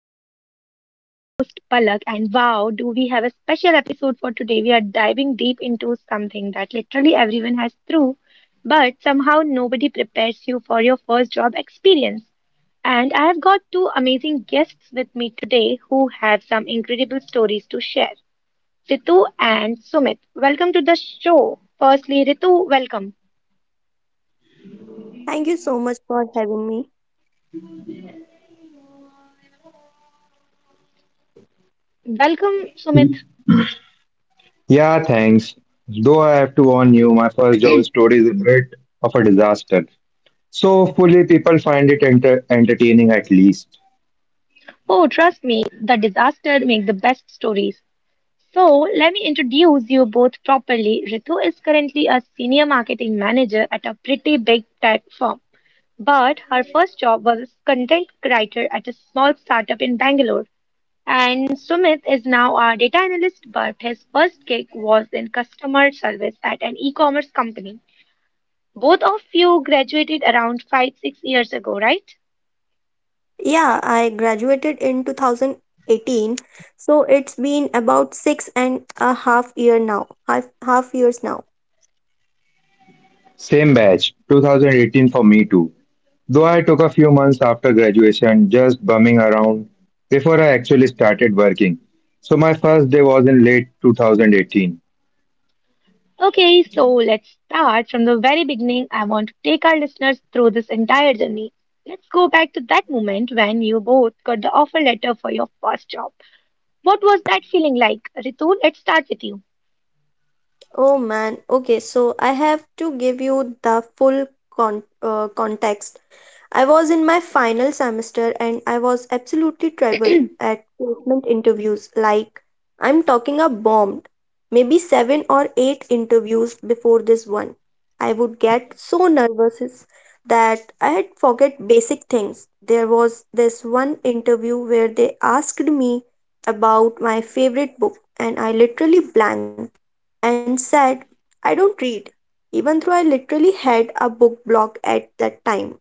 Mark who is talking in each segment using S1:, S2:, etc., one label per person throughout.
S1: Compass. I'm your host Palak and wow, do we have a special episode for today. We are diving deep into something that literally everyone has through, but somehow nobody prepares you for your first job experience. And I have got two amazing guests with me today who have some incredible stories to share. Ritu and Sumit, welcome to the show. Firstly, Ritu, welcome.
S2: Thank you so much for having me.
S1: Welcome, Sumit.
S3: Yeah, thanks. Though I have to warn you, my first job story is a bit of a disaster. So, hopefully, people find it entertaining at least.
S1: Oh, trust me, the disaster make the best stories. So, let me introduce you both properly. Ritu is currently a senior marketing manager at a pretty big tech firm, but her first job was as content writer at a small startup in Bangalore. And Sumit is now a data analyst, but his first gig was in customer service at an e-commerce company. Both of you graduated around 5, 6 years ago, right?
S2: Yeah, I graduated in 2018, so it's been about six and a half year now. Half years now.
S3: Same batch, 2018 for me too. Though I took a few months after graduation just bumming around before I actually started working. So, my first day was in late 2018.
S1: Okay, so let's start from the very beginning. I want to take our listeners through this entire journey. Let's go back to that moment when you both got the offer letter for your first job. What was that feeling like? Ritu, let's start with you.
S2: Oh man. Okay, so I have to give you the full context. I was in my final semester and I was absolutely terrible at placement interviews. Like, I'm talking a bomb. Maybe seven or eight interviews before this one. I would get so nervous that I had forget basic things. There was this one interview where they asked me about my favorite book and I literally blanked and said, "I don't read," even though I literally had a book block at that time.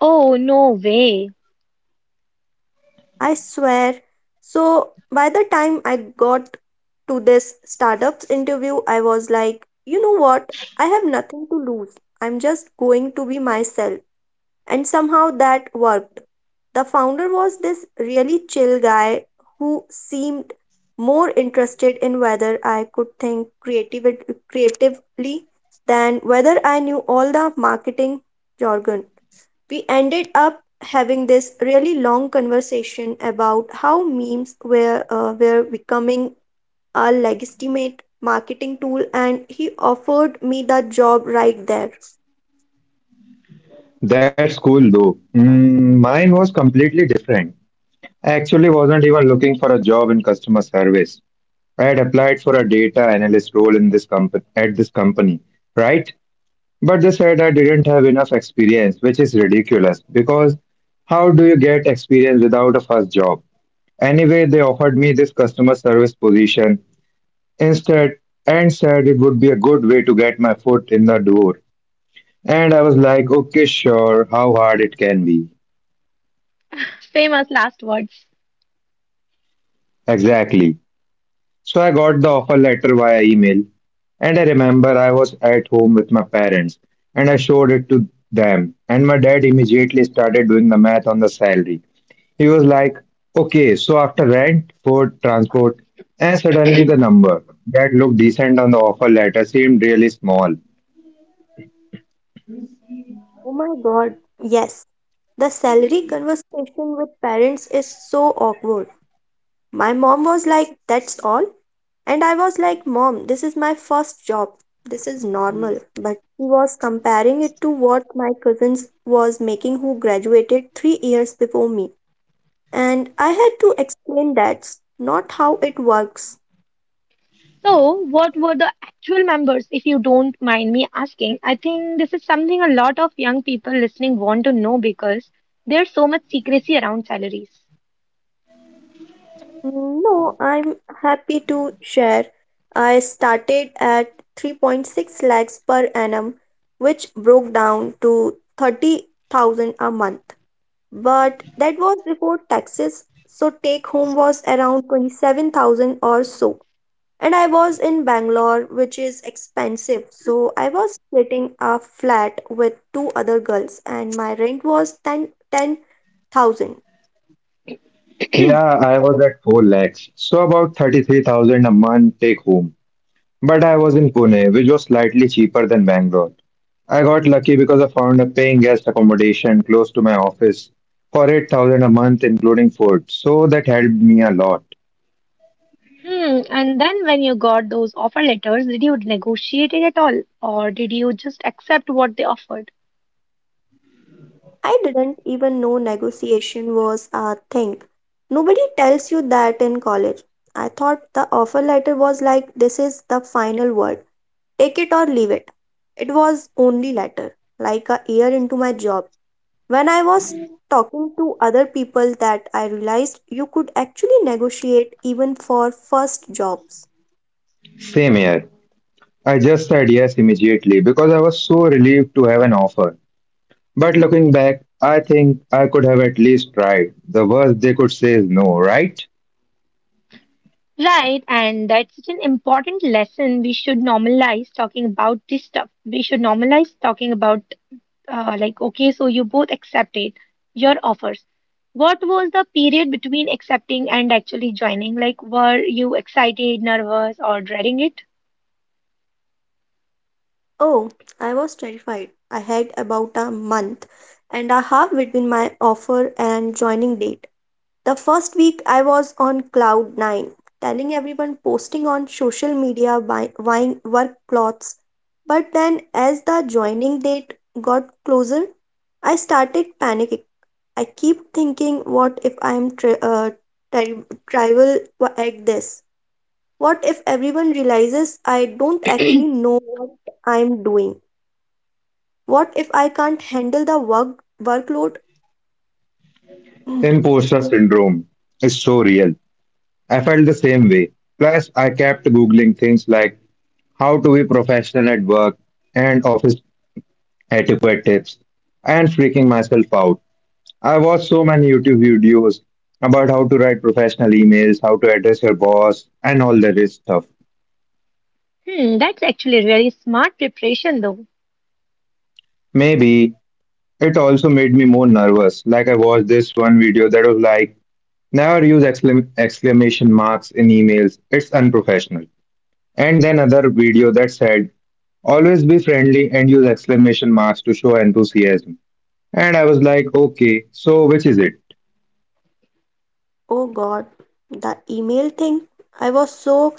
S1: Oh, no way.
S2: I swear. So by the time I got to this startups interview, I was like, you know what? I have nothing to lose. I'm just going to be myself. And somehow that worked. The founder was this really chill guy who seemed more interested in whether I could think creatively than whether I knew all the marketing jargon. We ended up having this really long conversation about how memes were becoming a legitimate marketing tool, and he offered me the job right there.
S3: That's cool though. Mine was completely different. I actually wasn't even looking for a job in customer service. I had applied for a data analyst role in this company, right? But they said I didn't have enough experience, which is ridiculous because how do you get experience without a first job? Anyway, they offered me this customer service position instead and said it would be a good way to get my foot in the door. And I was like, okay, sure, how hard it can be.
S1: Famous last words.
S3: Exactly. So I got the offer letter via email, and I remember I was at home with my parents and I showed it to them. And my dad immediately started doing the math on the salary. He was like, okay, so after rent, food, transport, and suddenly the number that looked decent on the offer letter seemed really small.
S2: Oh my god, yes, the salary conversation with parents is so awkward. My mom was like, "That's all?" And I was like, "Mom, this is my first job. This is normal." But he was comparing it to what my cousins was making who graduated 3 years before me. And I had to explain that's not how it works.
S1: So, what were the actual members, if you don't mind me asking? I think this is something a lot of young people listening want to know because there's so much secrecy around salaries.
S2: No, I'm happy to share. I started at 3.6 lakhs per annum, which broke down to 30,000 a month. But that was before taxes, so take home was around 27,000 or so. And I was in Bangalore, which is expensive. So I was splitting a flat with two other girls, and my rent was ten thousand.
S3: Yeah, I was at 4 lakhs, so about 33,000 a month take home. But I was in Pune, which was slightly cheaper than Bangalore. I got lucky because I found a paying guest accommodation close to my office for 8,000 a month including food. So that helped me a lot.
S1: Hmm. And then when you got those offer letters, did you negotiate it at all, or did you just accept what they offered?
S2: I didn't even know negotiation was a thing. Nobody tells you that in college. I thought the offer letter was like, this is the final word. Take it or leave it. It was only letter, like a year into my job, when I was talking to other people, that I realized you could actually negotiate even for first jobs.
S3: Same here. I just said yes immediately because I was so relieved to have an offer. But looking back, I think I could have at least tried. The worst they could say is no, right?
S1: Right, and that's such an important lesson. We should normalize talking about this stuff. We should normalize talking about like, okay, so you both accepted your offers. What was the period between accepting and actually joining? Like, were you excited, nervous, or dreading it?
S2: Oh, I was terrified. I had about a month and a half between my offer and joining date. The first week I was on cloud 9, telling everyone, posting on social media, buying work clothes. But then as the joining date got closer, I started panicking. I keep thinking, what if I am tri- tribal at this? What if everyone realizes I don't actually know what I'm doing? What if I can't handle the workload?
S3: Imposter syndrome is so real. I felt the same way. Plus, I kept googling things like how to be professional at work, and office etiquette tips, and freaking myself out. I watched so many YouTube videos about how to write professional emails, how to address your boss, and all that is stuff.
S1: Hmm, that's actually really smart preparation, though.
S3: Maybe it also made me more nervous. Like I watched this one video that was like, never use exclamation marks in emails, it's unprofessional. And then another video that said, always be friendly and use exclamation marks to show enthusiasm. And I was like, okay, so which is it?
S2: Oh God, the email thing. I was so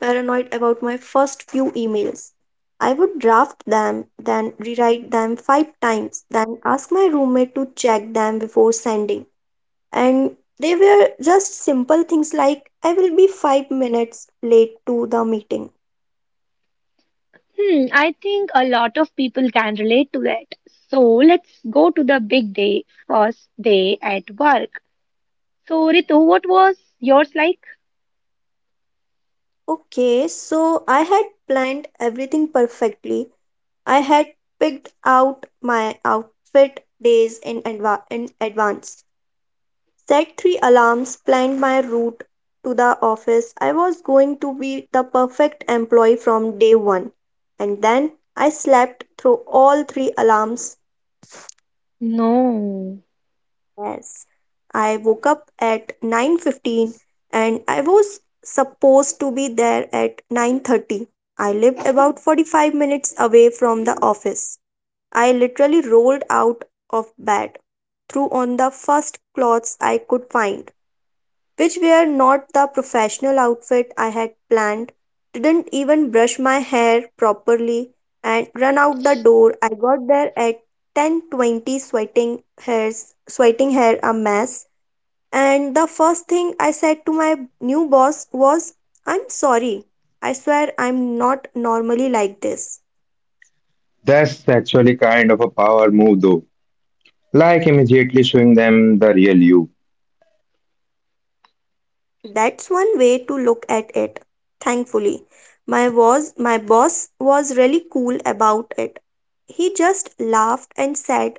S2: paranoid about my first few emails. I would draft them, then rewrite them five times, then ask my roommate to check them before sending. And they were just simple things like, "I will be 5 minutes late to the meeting."
S1: Hmm, I think a lot of people can relate to that. So let's go to the big day, first day at work. So, Ritu, what was yours like?
S2: Okay, so I had planned everything perfectly. I had picked out my outfit days in in advance, set three alarms, planned my route to the office. I was going to be the perfect employee from day one. And then I slept through all three alarms.
S1: No.
S2: Yes, I woke up at 9:15 and I was supposed to be there at 9:30. I lived about 45 minutes away from the office. I literally rolled out of bed, threw on the first clothes I could find, which were not the professional outfit I had planned, didn't even brush my hair properly, and run out the door. I got there at 10:20, hairs sweating, hair a mess, and the first thing I said to my new boss was, "I'm sorry. I swear I'm not normally like this."
S3: That's actually kind of a power move, though. Like immediately showing them the real you.
S2: That's one way to look at it. Thankfully, my boss was really cool about it. He just laughed and said,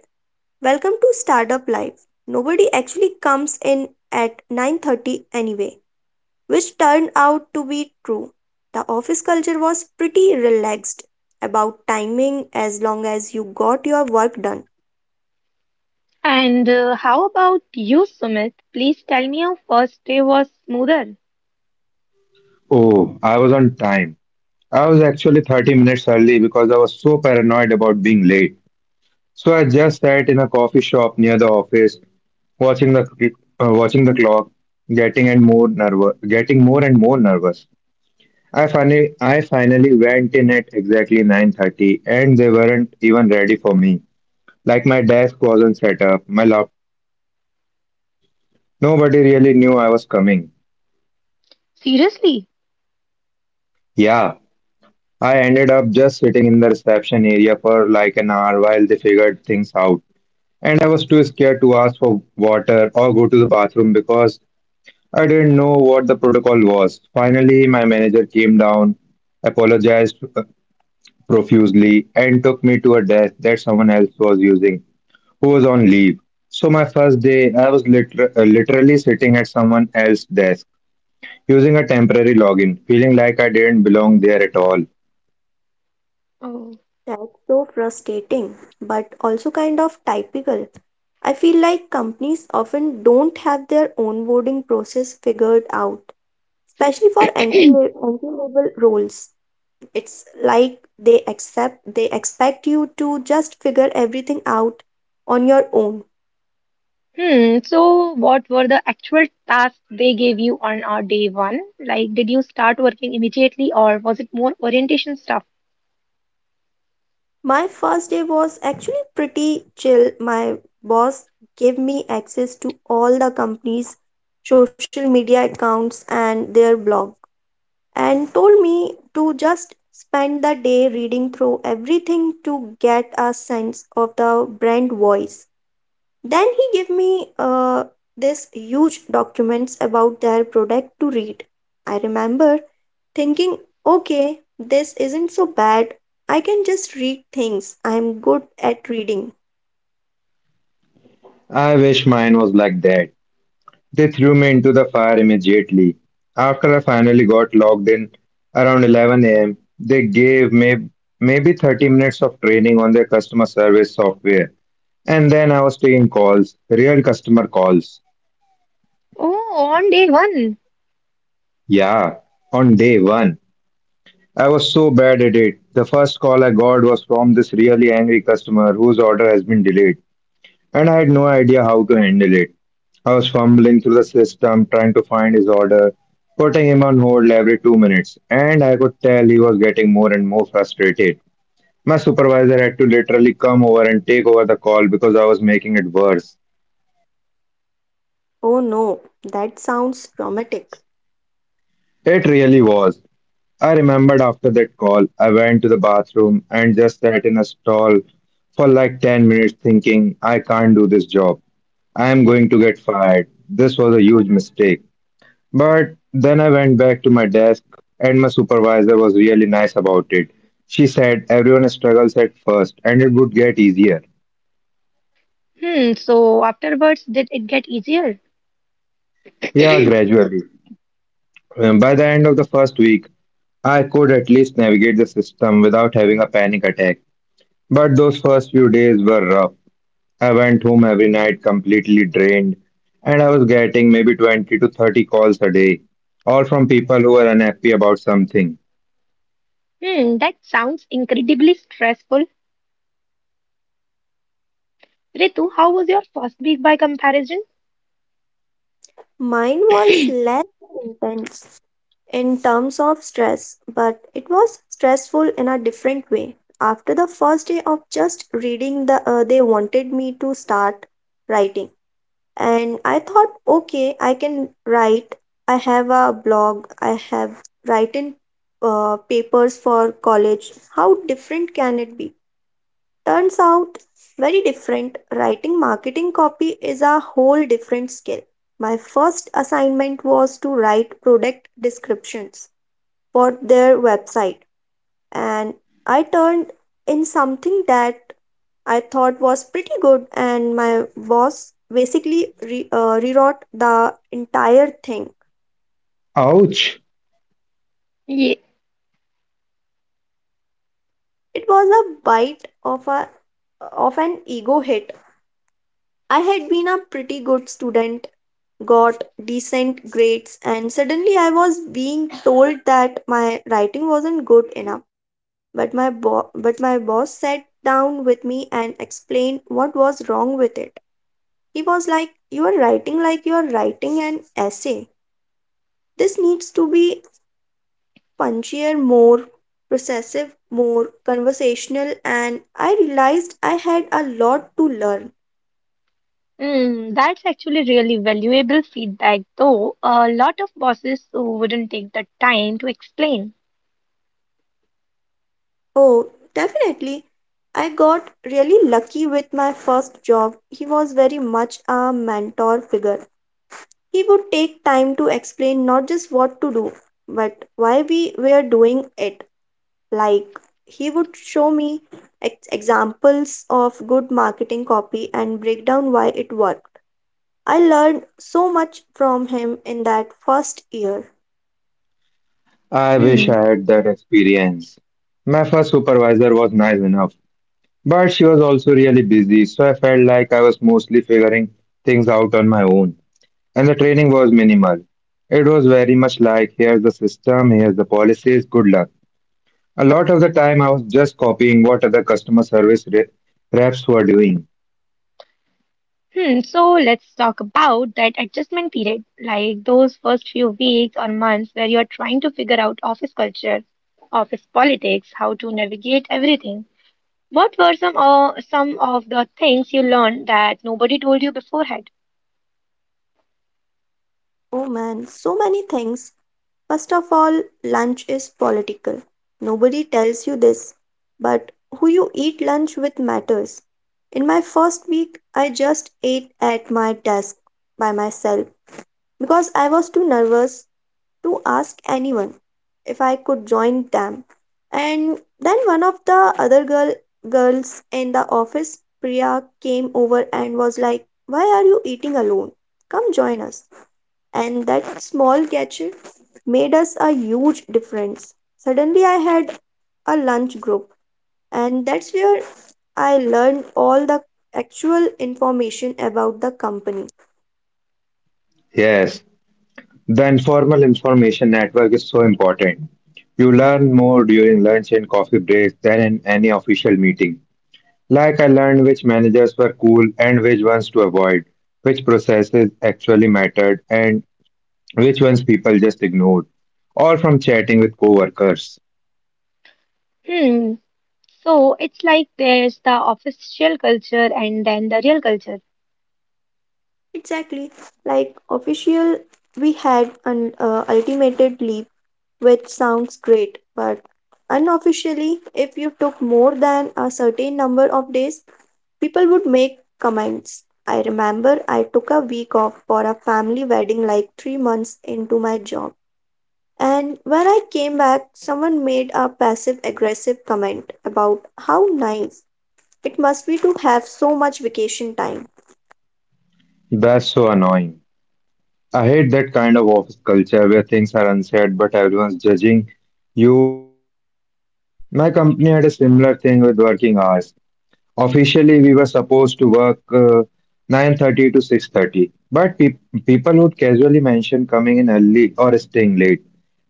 S2: "Welcome to startup life. Nobody actually comes in at 9:30 anyway," which turned out to be true. The office culture was pretty relaxed about timing as long as you got your work done.
S1: And how about you, Sumit? Please tell me your first day was smoother.
S3: Oh, I was on time. I was actually 30 minutes early because I was so paranoid about being late. So I just sat in a coffee shop near the office, watching the watching the clock, getting more and more nervous. I finally went in at exactly 9:30, and they weren't even ready for me. Like my desk wasn't set up, my laptop wasn't there, nobody really knew I was coming.
S1: Seriously?
S3: Yeah, I ended up just sitting in the reception area for like an hour while they figured things out. And I was too scared to ask for water or go to the bathroom because I didn't know what the protocol was. Finally, my manager came down, apologized profusely, and took me to a desk that someone else was using who was on leave. So, my first day, I was literally sitting at someone else's desk using a temporary login, feeling like I didn't belong there at all.
S1: Oh.
S2: That's so frustrating, but also kind of typical. I feel like companies often don't have their onboarding process figured out, especially for entry level roles. It's like they accept they expect you to just figure everything out on your own.
S1: Hmm, so what were the actual tasks they gave you on our day one? Like, did you start working immediately or was it more orientation stuff?
S2: My first day was actually pretty chill. My boss gave me access to all the company's social media accounts and their blogs, and told me to just spend the day reading through everything to get a sense of the brand voice. Then he gave me this huge documents about their product to read. I remember thinking, okay, this isn't so bad. I can just read things. I'm good at reading.
S3: I wish mine was like that. They threw me into the fire immediately. After I finally got logged in around 11 a.m., they gave me maybe 30 minutes of training on their customer service software. And then I was taking calls, real customer calls.
S1: Oh, on day one.
S3: Yeah, on day one. I was so bad at it. The first call I got was from this really angry customer whose order has been delayed. And I had no idea how to handle it. I was fumbling through the system, trying to find his order, putting him on hold every 2 minutes, and I could tell he was getting more and more frustrated. My supervisor had to literally come over and take over the call because I was making it worse.
S2: Oh no, that sounds dramatic.
S3: It really was. I remembered after that call, I went to the bathroom and just sat in a stall for like 10 minutes thinking, I can't do this job. I am going to get fired. This was a huge mistake. But then I went back to my desk, and my supervisor was really nice about it. She said everyone struggles at first, and it would get easier.
S1: Hmm, so afterwards, did it get easier?
S3: Yeah, gradually. By the end of the first week, I could at least navigate the system without having a panic attack. But those first few days were rough. I went home every night completely drained, and I was getting maybe 20 to 30 calls a day, all from people who were unhappy about something.
S1: Hmm, that sounds incredibly stressful. Ritu, how was your first week by comparison?
S2: Mine was less intense in terms of stress, but it was stressful in a different way. After the first day of just reading, they wanted me to start writing, and I thought, okay, I can write. I have a blog. I have written papers for college. How different can it be? Turns out, very different. Writing marketing copy is a whole different skill. My first assignment was to write product descriptions for their website, and I turned in something that I thought was pretty good, and my boss basically rewrote the entire thing.
S3: Ouch!
S1: Yeah,
S2: It was a bite of a of an ego hit. I had been a pretty good student, got decent grades, and suddenly I was being told that my writing wasn't good enough. But my boss sat down with me and explained what was wrong with it. He was like, "You are writing like you are writing an essay. This needs to be punchier, more processive, more conversational," and I realized I had a lot to learn.
S1: mm, that's actually really valuable feedback, though a lot of bosses wouldn't take the time to explain.
S2: Oh, definitely. I got really lucky with my first job. He was very much a mentor figure. He would take time to explain not just what to do, but why we were doing it. Like, he would show me examples of good marketing copy and break down why it worked. I learned so much from him in that first year.
S3: I wish
S1: Hmm.
S3: I had that experience. My first supervisor was nice enough, but she was also really busy, so I felt like I was mostly figuring things out on my own. And the training was minimal. It was very much like here's the system, here's the policies, good luck. A lot of the time, I was just copying what other customer service reps were doing.
S1: Hmm. So let's talk about that adjustment period, like those first few weeks or months where you're trying to figure out office culture, office politics, how to navigate everything. What were some of the things you learned that nobody told you beforehand?
S2: Oh man, so many things. First of all, lunch is political. Nobody tells you this, but who you eat lunch with matters. In my first week, I just ate at my desk by myself because I was too nervous to ask anyone if I could join them. And then one of the other girls in the office, Priya, came over and was like, "Why are you eating alone? Come join us." And that small gesture made us a huge difference. Suddenly I had a lunch group, and that's where I learned all the actual information about the company.
S3: Yes, the informal information network is so important. You learn more during lunch and coffee breaks than in any official meeting. Like I learned which managers were cool and which ones to avoid, which processes actually mattered and which ones people just ignored, all from chatting with coworkers.
S1: Hmm. So it's like there's the official culture and then the real culture.
S2: Exactly. Like, official, we had an ultimated leave, which sounds great, but unofficially, if you took more than a certain number of days, people would make comments. I remember I took a week off for a family wedding like 3 months into my job. And when I came back, someone made a passive aggressive comment about how nice it must be to have so much vacation time.
S3: That's so annoying. I hate that kind of office culture where things are unsaid but everyone's judging you for it. My company had a similar thing with working hours. Officially, we were supposed to work 9:30 to 6:30, but people would casually mention coming in early or staying late,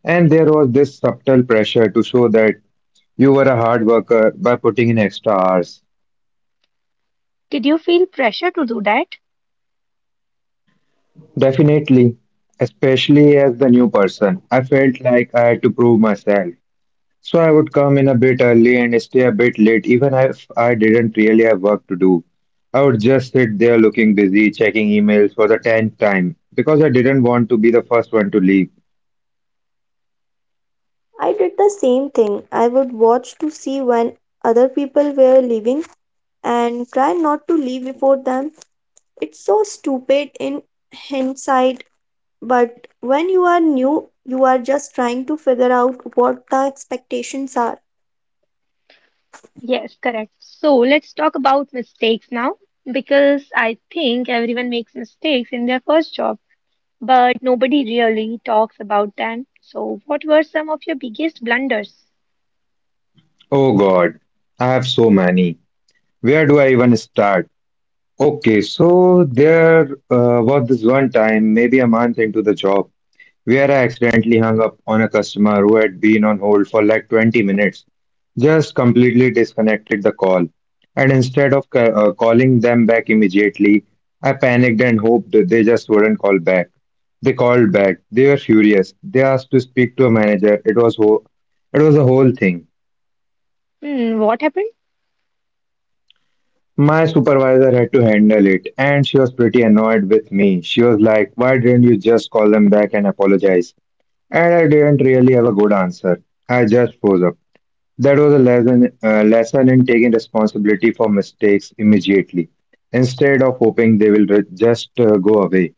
S3: and there was this subtle pressure to show that you were a hard worker by putting in extra hours.
S1: Did you feel pressure to do that?
S3: Definitely, especially as the new person, I felt like I had to prove myself. So I would come in a bit early and stay a bit late, even if I didn't really have work to do. I would just sit there looking busy, checking emails for the tenth time, because I didn't want to be the first one to leave.
S2: I did the same thing. I would watch to see when other people were leaving and try not to leave before them. It's so stupid in hindsight, but when you are new, you are just trying to figure out what the expectations are.
S1: Yes, correct. So let's talk about mistakes now because I think everyone makes mistakes in their first job, but nobody really talks about them. So what were some of your biggest blunders?
S3: Oh God, I have so many. Where do I even start? Okay, so there was this one time, maybe a month into the job, where I accidentally hung up on a customer who had been on hold for like 20 minutes. Just completely disconnected the call. And instead of calling them back immediately, I panicked and hoped that they just wouldn't call back. They called back. They were furious. They asked to speak to a manager. It was a whole thing.
S1: Hmm, what happened?
S3: My supervisor had to handle it, and she was pretty annoyed with me. She was like, why didn't you just call them back and apologize? And I didn't really have a good answer. I just froze up. That was a lesson in taking responsibility for mistakes immediately instead of hoping they will re- just go away.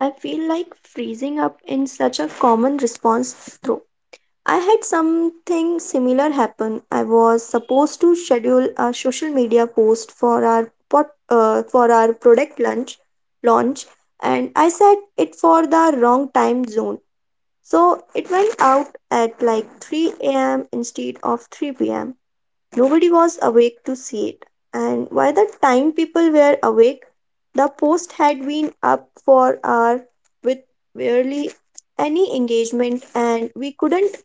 S2: I feel like freezing up in such a common response though. I had something similar happen. I was supposed to schedule a social media post for our product lunch launch, and I set it for the wrong time zone. So it went out at like 3 a.m. instead of 3 p.m. Nobody was awake to see it. And by the time people were awake, the post had been up for an hour with barely any engagement, and we couldn't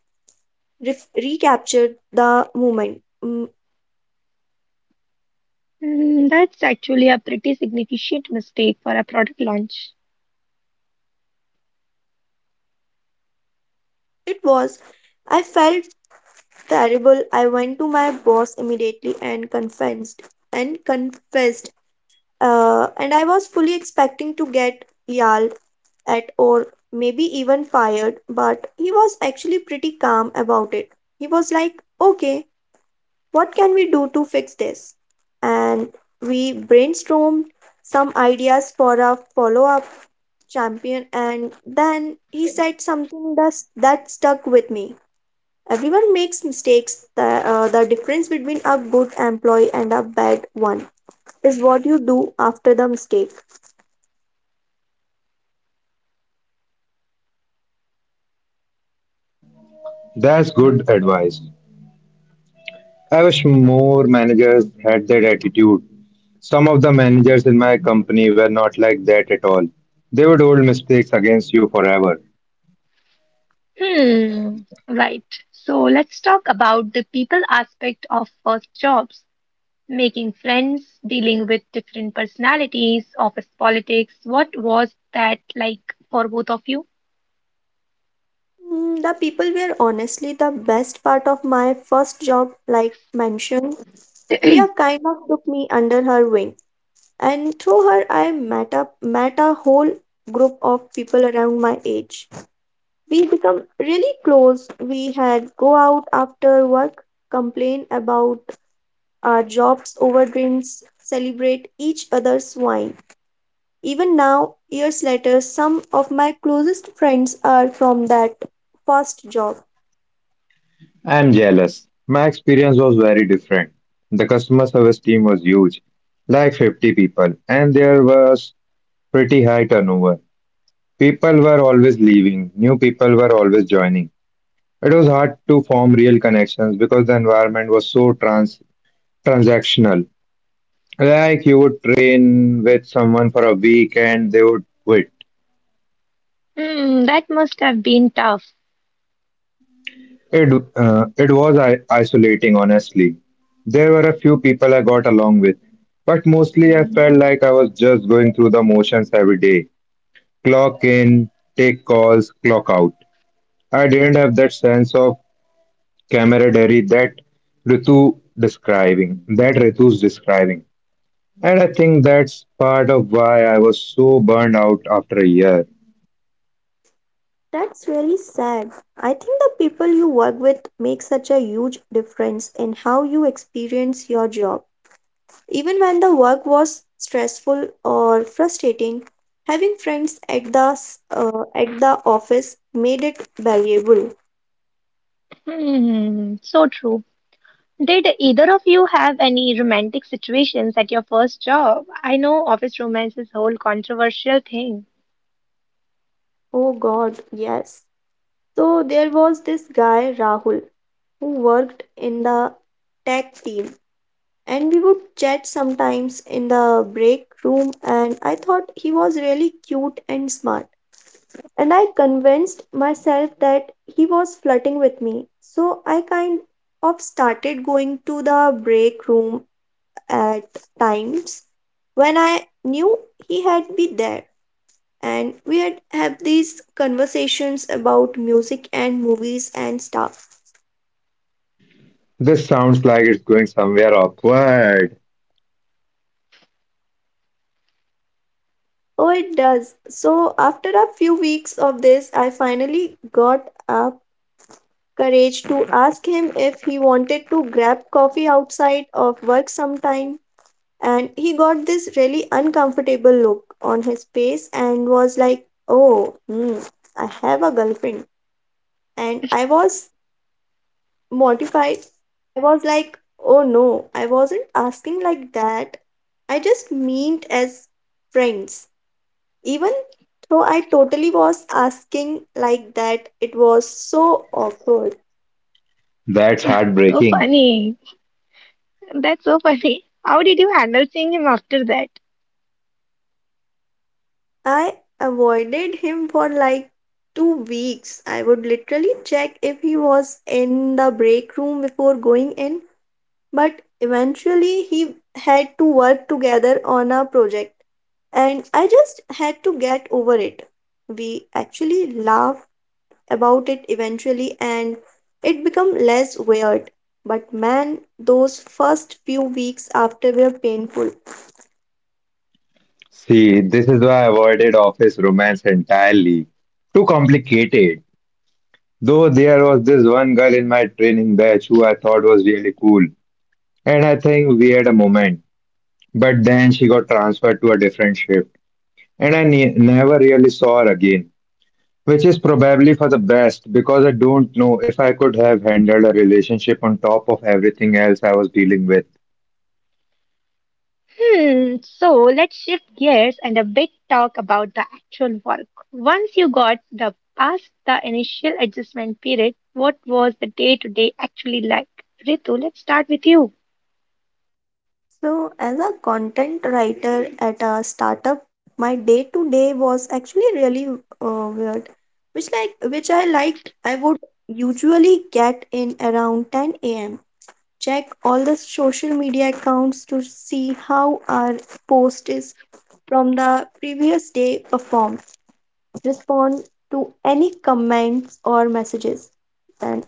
S2: recapture the moment.
S1: Hmm, that's actually a pretty significant mistake for a product launch.
S2: It was. I felt terrible. I went to my boss immediately and confessed and confessed and I was fully expecting to get yelled at, or maybe even fired, but he was actually pretty calm about it. He was like, "Okay, what can we do to fix this?" And we brainstormed some ideas for a follow up champion, and then he said something that stuck with me. "Everyone makes mistakes. The difference between a good employee and a bad one is what you do after the mistake."
S3: That's good advice. I wish more managers had that attitude. Some of the managers in my company were not like that at all. They would hold mistakes against you forever.
S1: Hmm, right. So let's talk about the people aspect of first jobs, making friends, dealing with different personalities, office politics. What was that like for both of you?
S2: The people were honestly the best part of my first job, like mentioned. Priya kind of took me under her wing, and through her, I met a whole group of people around my age. We become really close. We had go out after work, complain about our jobs over drinks, celebrate each other's wine. Even now, years later, some of my closest friends are from that first job.
S3: I'm jealous. My experience was very different. The customer service team was huge, like 50 people, and there was pretty high turnover. People were always leaving, new people were always joining. It was hard to form real connections because the environment was so transactional. Like you would train with someone for a week and they would quit.
S1: Hmm, that must have been tough.
S3: It was isolating, honestly. There were a few people I got along with, but mostly I felt like I was just going through the motions every day. Clock in, take calls, clock out. I didn't have that sense of camaraderie that Ritu's describing. And I think that's part of why I was so burned out after a year.
S2: That's really sad. I think the people you work with make such a huge difference in how you experience your job. Even when the work was stressful or frustrating, having friends at at the office made it valuable.
S1: Hmm, so true. Did either of you have any romantic situations at your first job? I know office romance is a whole controversial thing.
S2: Oh God, yes. So there was this guy Rahul who worked in the tech team, and we would chat sometimes in the break room, and I thought he was really cute and smart, and I convinced myself that he was flirting with me. So I kind of started going to the break room at times when I knew he had been there. And we had have these conversations about music and movies and stuff.
S3: This sounds like it's going somewhere awkward.
S2: Oh, it does. So after a few weeks of this, I finally got up courage to ask him if he wanted to grab coffee outside of work sometime, and he got this really uncomfortable look on his face and was like, "Oh, hmm, I have a girlfriend." And I was mortified. I was like, "Oh no, I wasn't asking like that. I just meant as friends." Even though I totally was asking like that, it was so awkward.
S3: That's
S1: So
S3: heartbreaking.
S1: funny. That's so funny. How did you handle seeing him after that?
S2: I avoided him for like 2 weeks. I would literally check if he was in the break room before going in, but eventually he had to work together on a project, and I just had to get over it. We actually laughed about it eventually, and it became less weird. But man, those first few weeks after were painful.
S3: See, this is why I avoided office romance entirely. Too complicated. Though there was this one girl in my training batch who I thought was really cool. And I think we had a moment. But then she got transferred to a different shift and I never really saw her again, which is probably for the best because I don't know if I could have handled a relationship on top of everything else I was dealing with.
S1: Hmm, so let's shift gears and a bit talk about the actual work. Once you got the past the initial adjustment period, what was the day to day actually like? Ritu, let's start with you.
S2: So, as a content writer at a startup, my day to day was actually really weird, which which I liked. I would usually get in around 10 a.m. Check all the social media accounts to see how our post is from the previous day performed. Respond to any comments or messages, and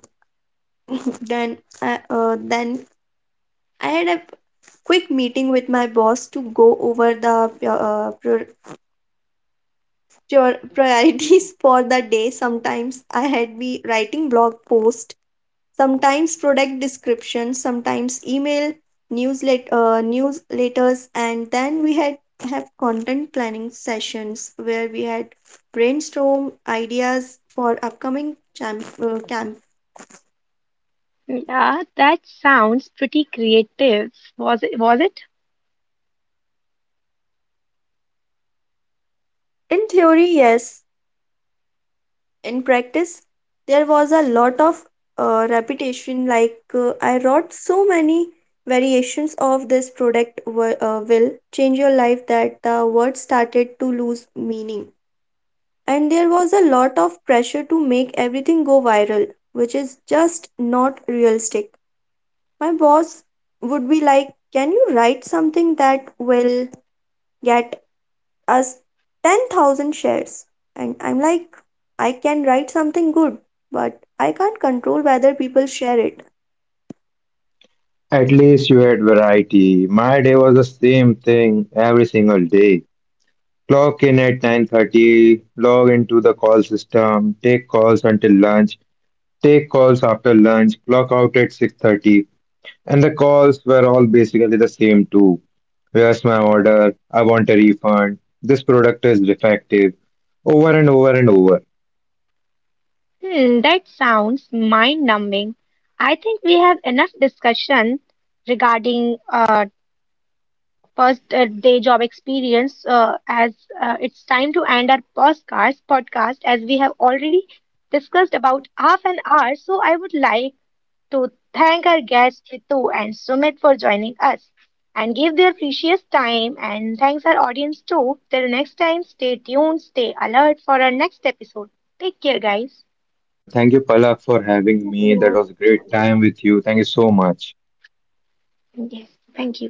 S2: then I had a quick meeting with my boss to go over the priorities for the day. Sometimes I had be writing blog post, sometimes product description, sometimes email newsletters, and then we had have content planning sessions where we had brainstorm ideas for upcoming camp.
S1: Yeah, that sounds pretty creative. Was it?
S2: In theory, yes, in practice there was a lot of repetition, like I wrote so many variations of "this product will change your life" that the words started to lose meaning. And there was a lot of pressure to make everything go viral, which is just not realistic. My boss would be like, "Can you write something that will get us 10,000 shares?" And I'm like, "I can write something good, but I can't control whether people share it."
S3: At least you had variety. My day was the same thing every single day. Clock in at 9:30, log into the call system, take calls until lunch, take calls after lunch, clock out at 6:30. And the calls were all basically the same too. Where's my order? I want a refund. This product is defective. Over and over and over.
S1: Hmm, that sounds mind numbing. I think we have enough discussion regarding first-day job experience as it's time to end our podcast as we have already discussed about half an hour. So I would like to thank our guests Ritu and Sumit for joining us and give their precious time and thanks our audience too. Till next time, stay tuned, stay alert for our next episode. Take care, guys.
S3: Thank you, Palak, for having me. That was a great time with you. Thank you so much.
S1: Yes, thank you.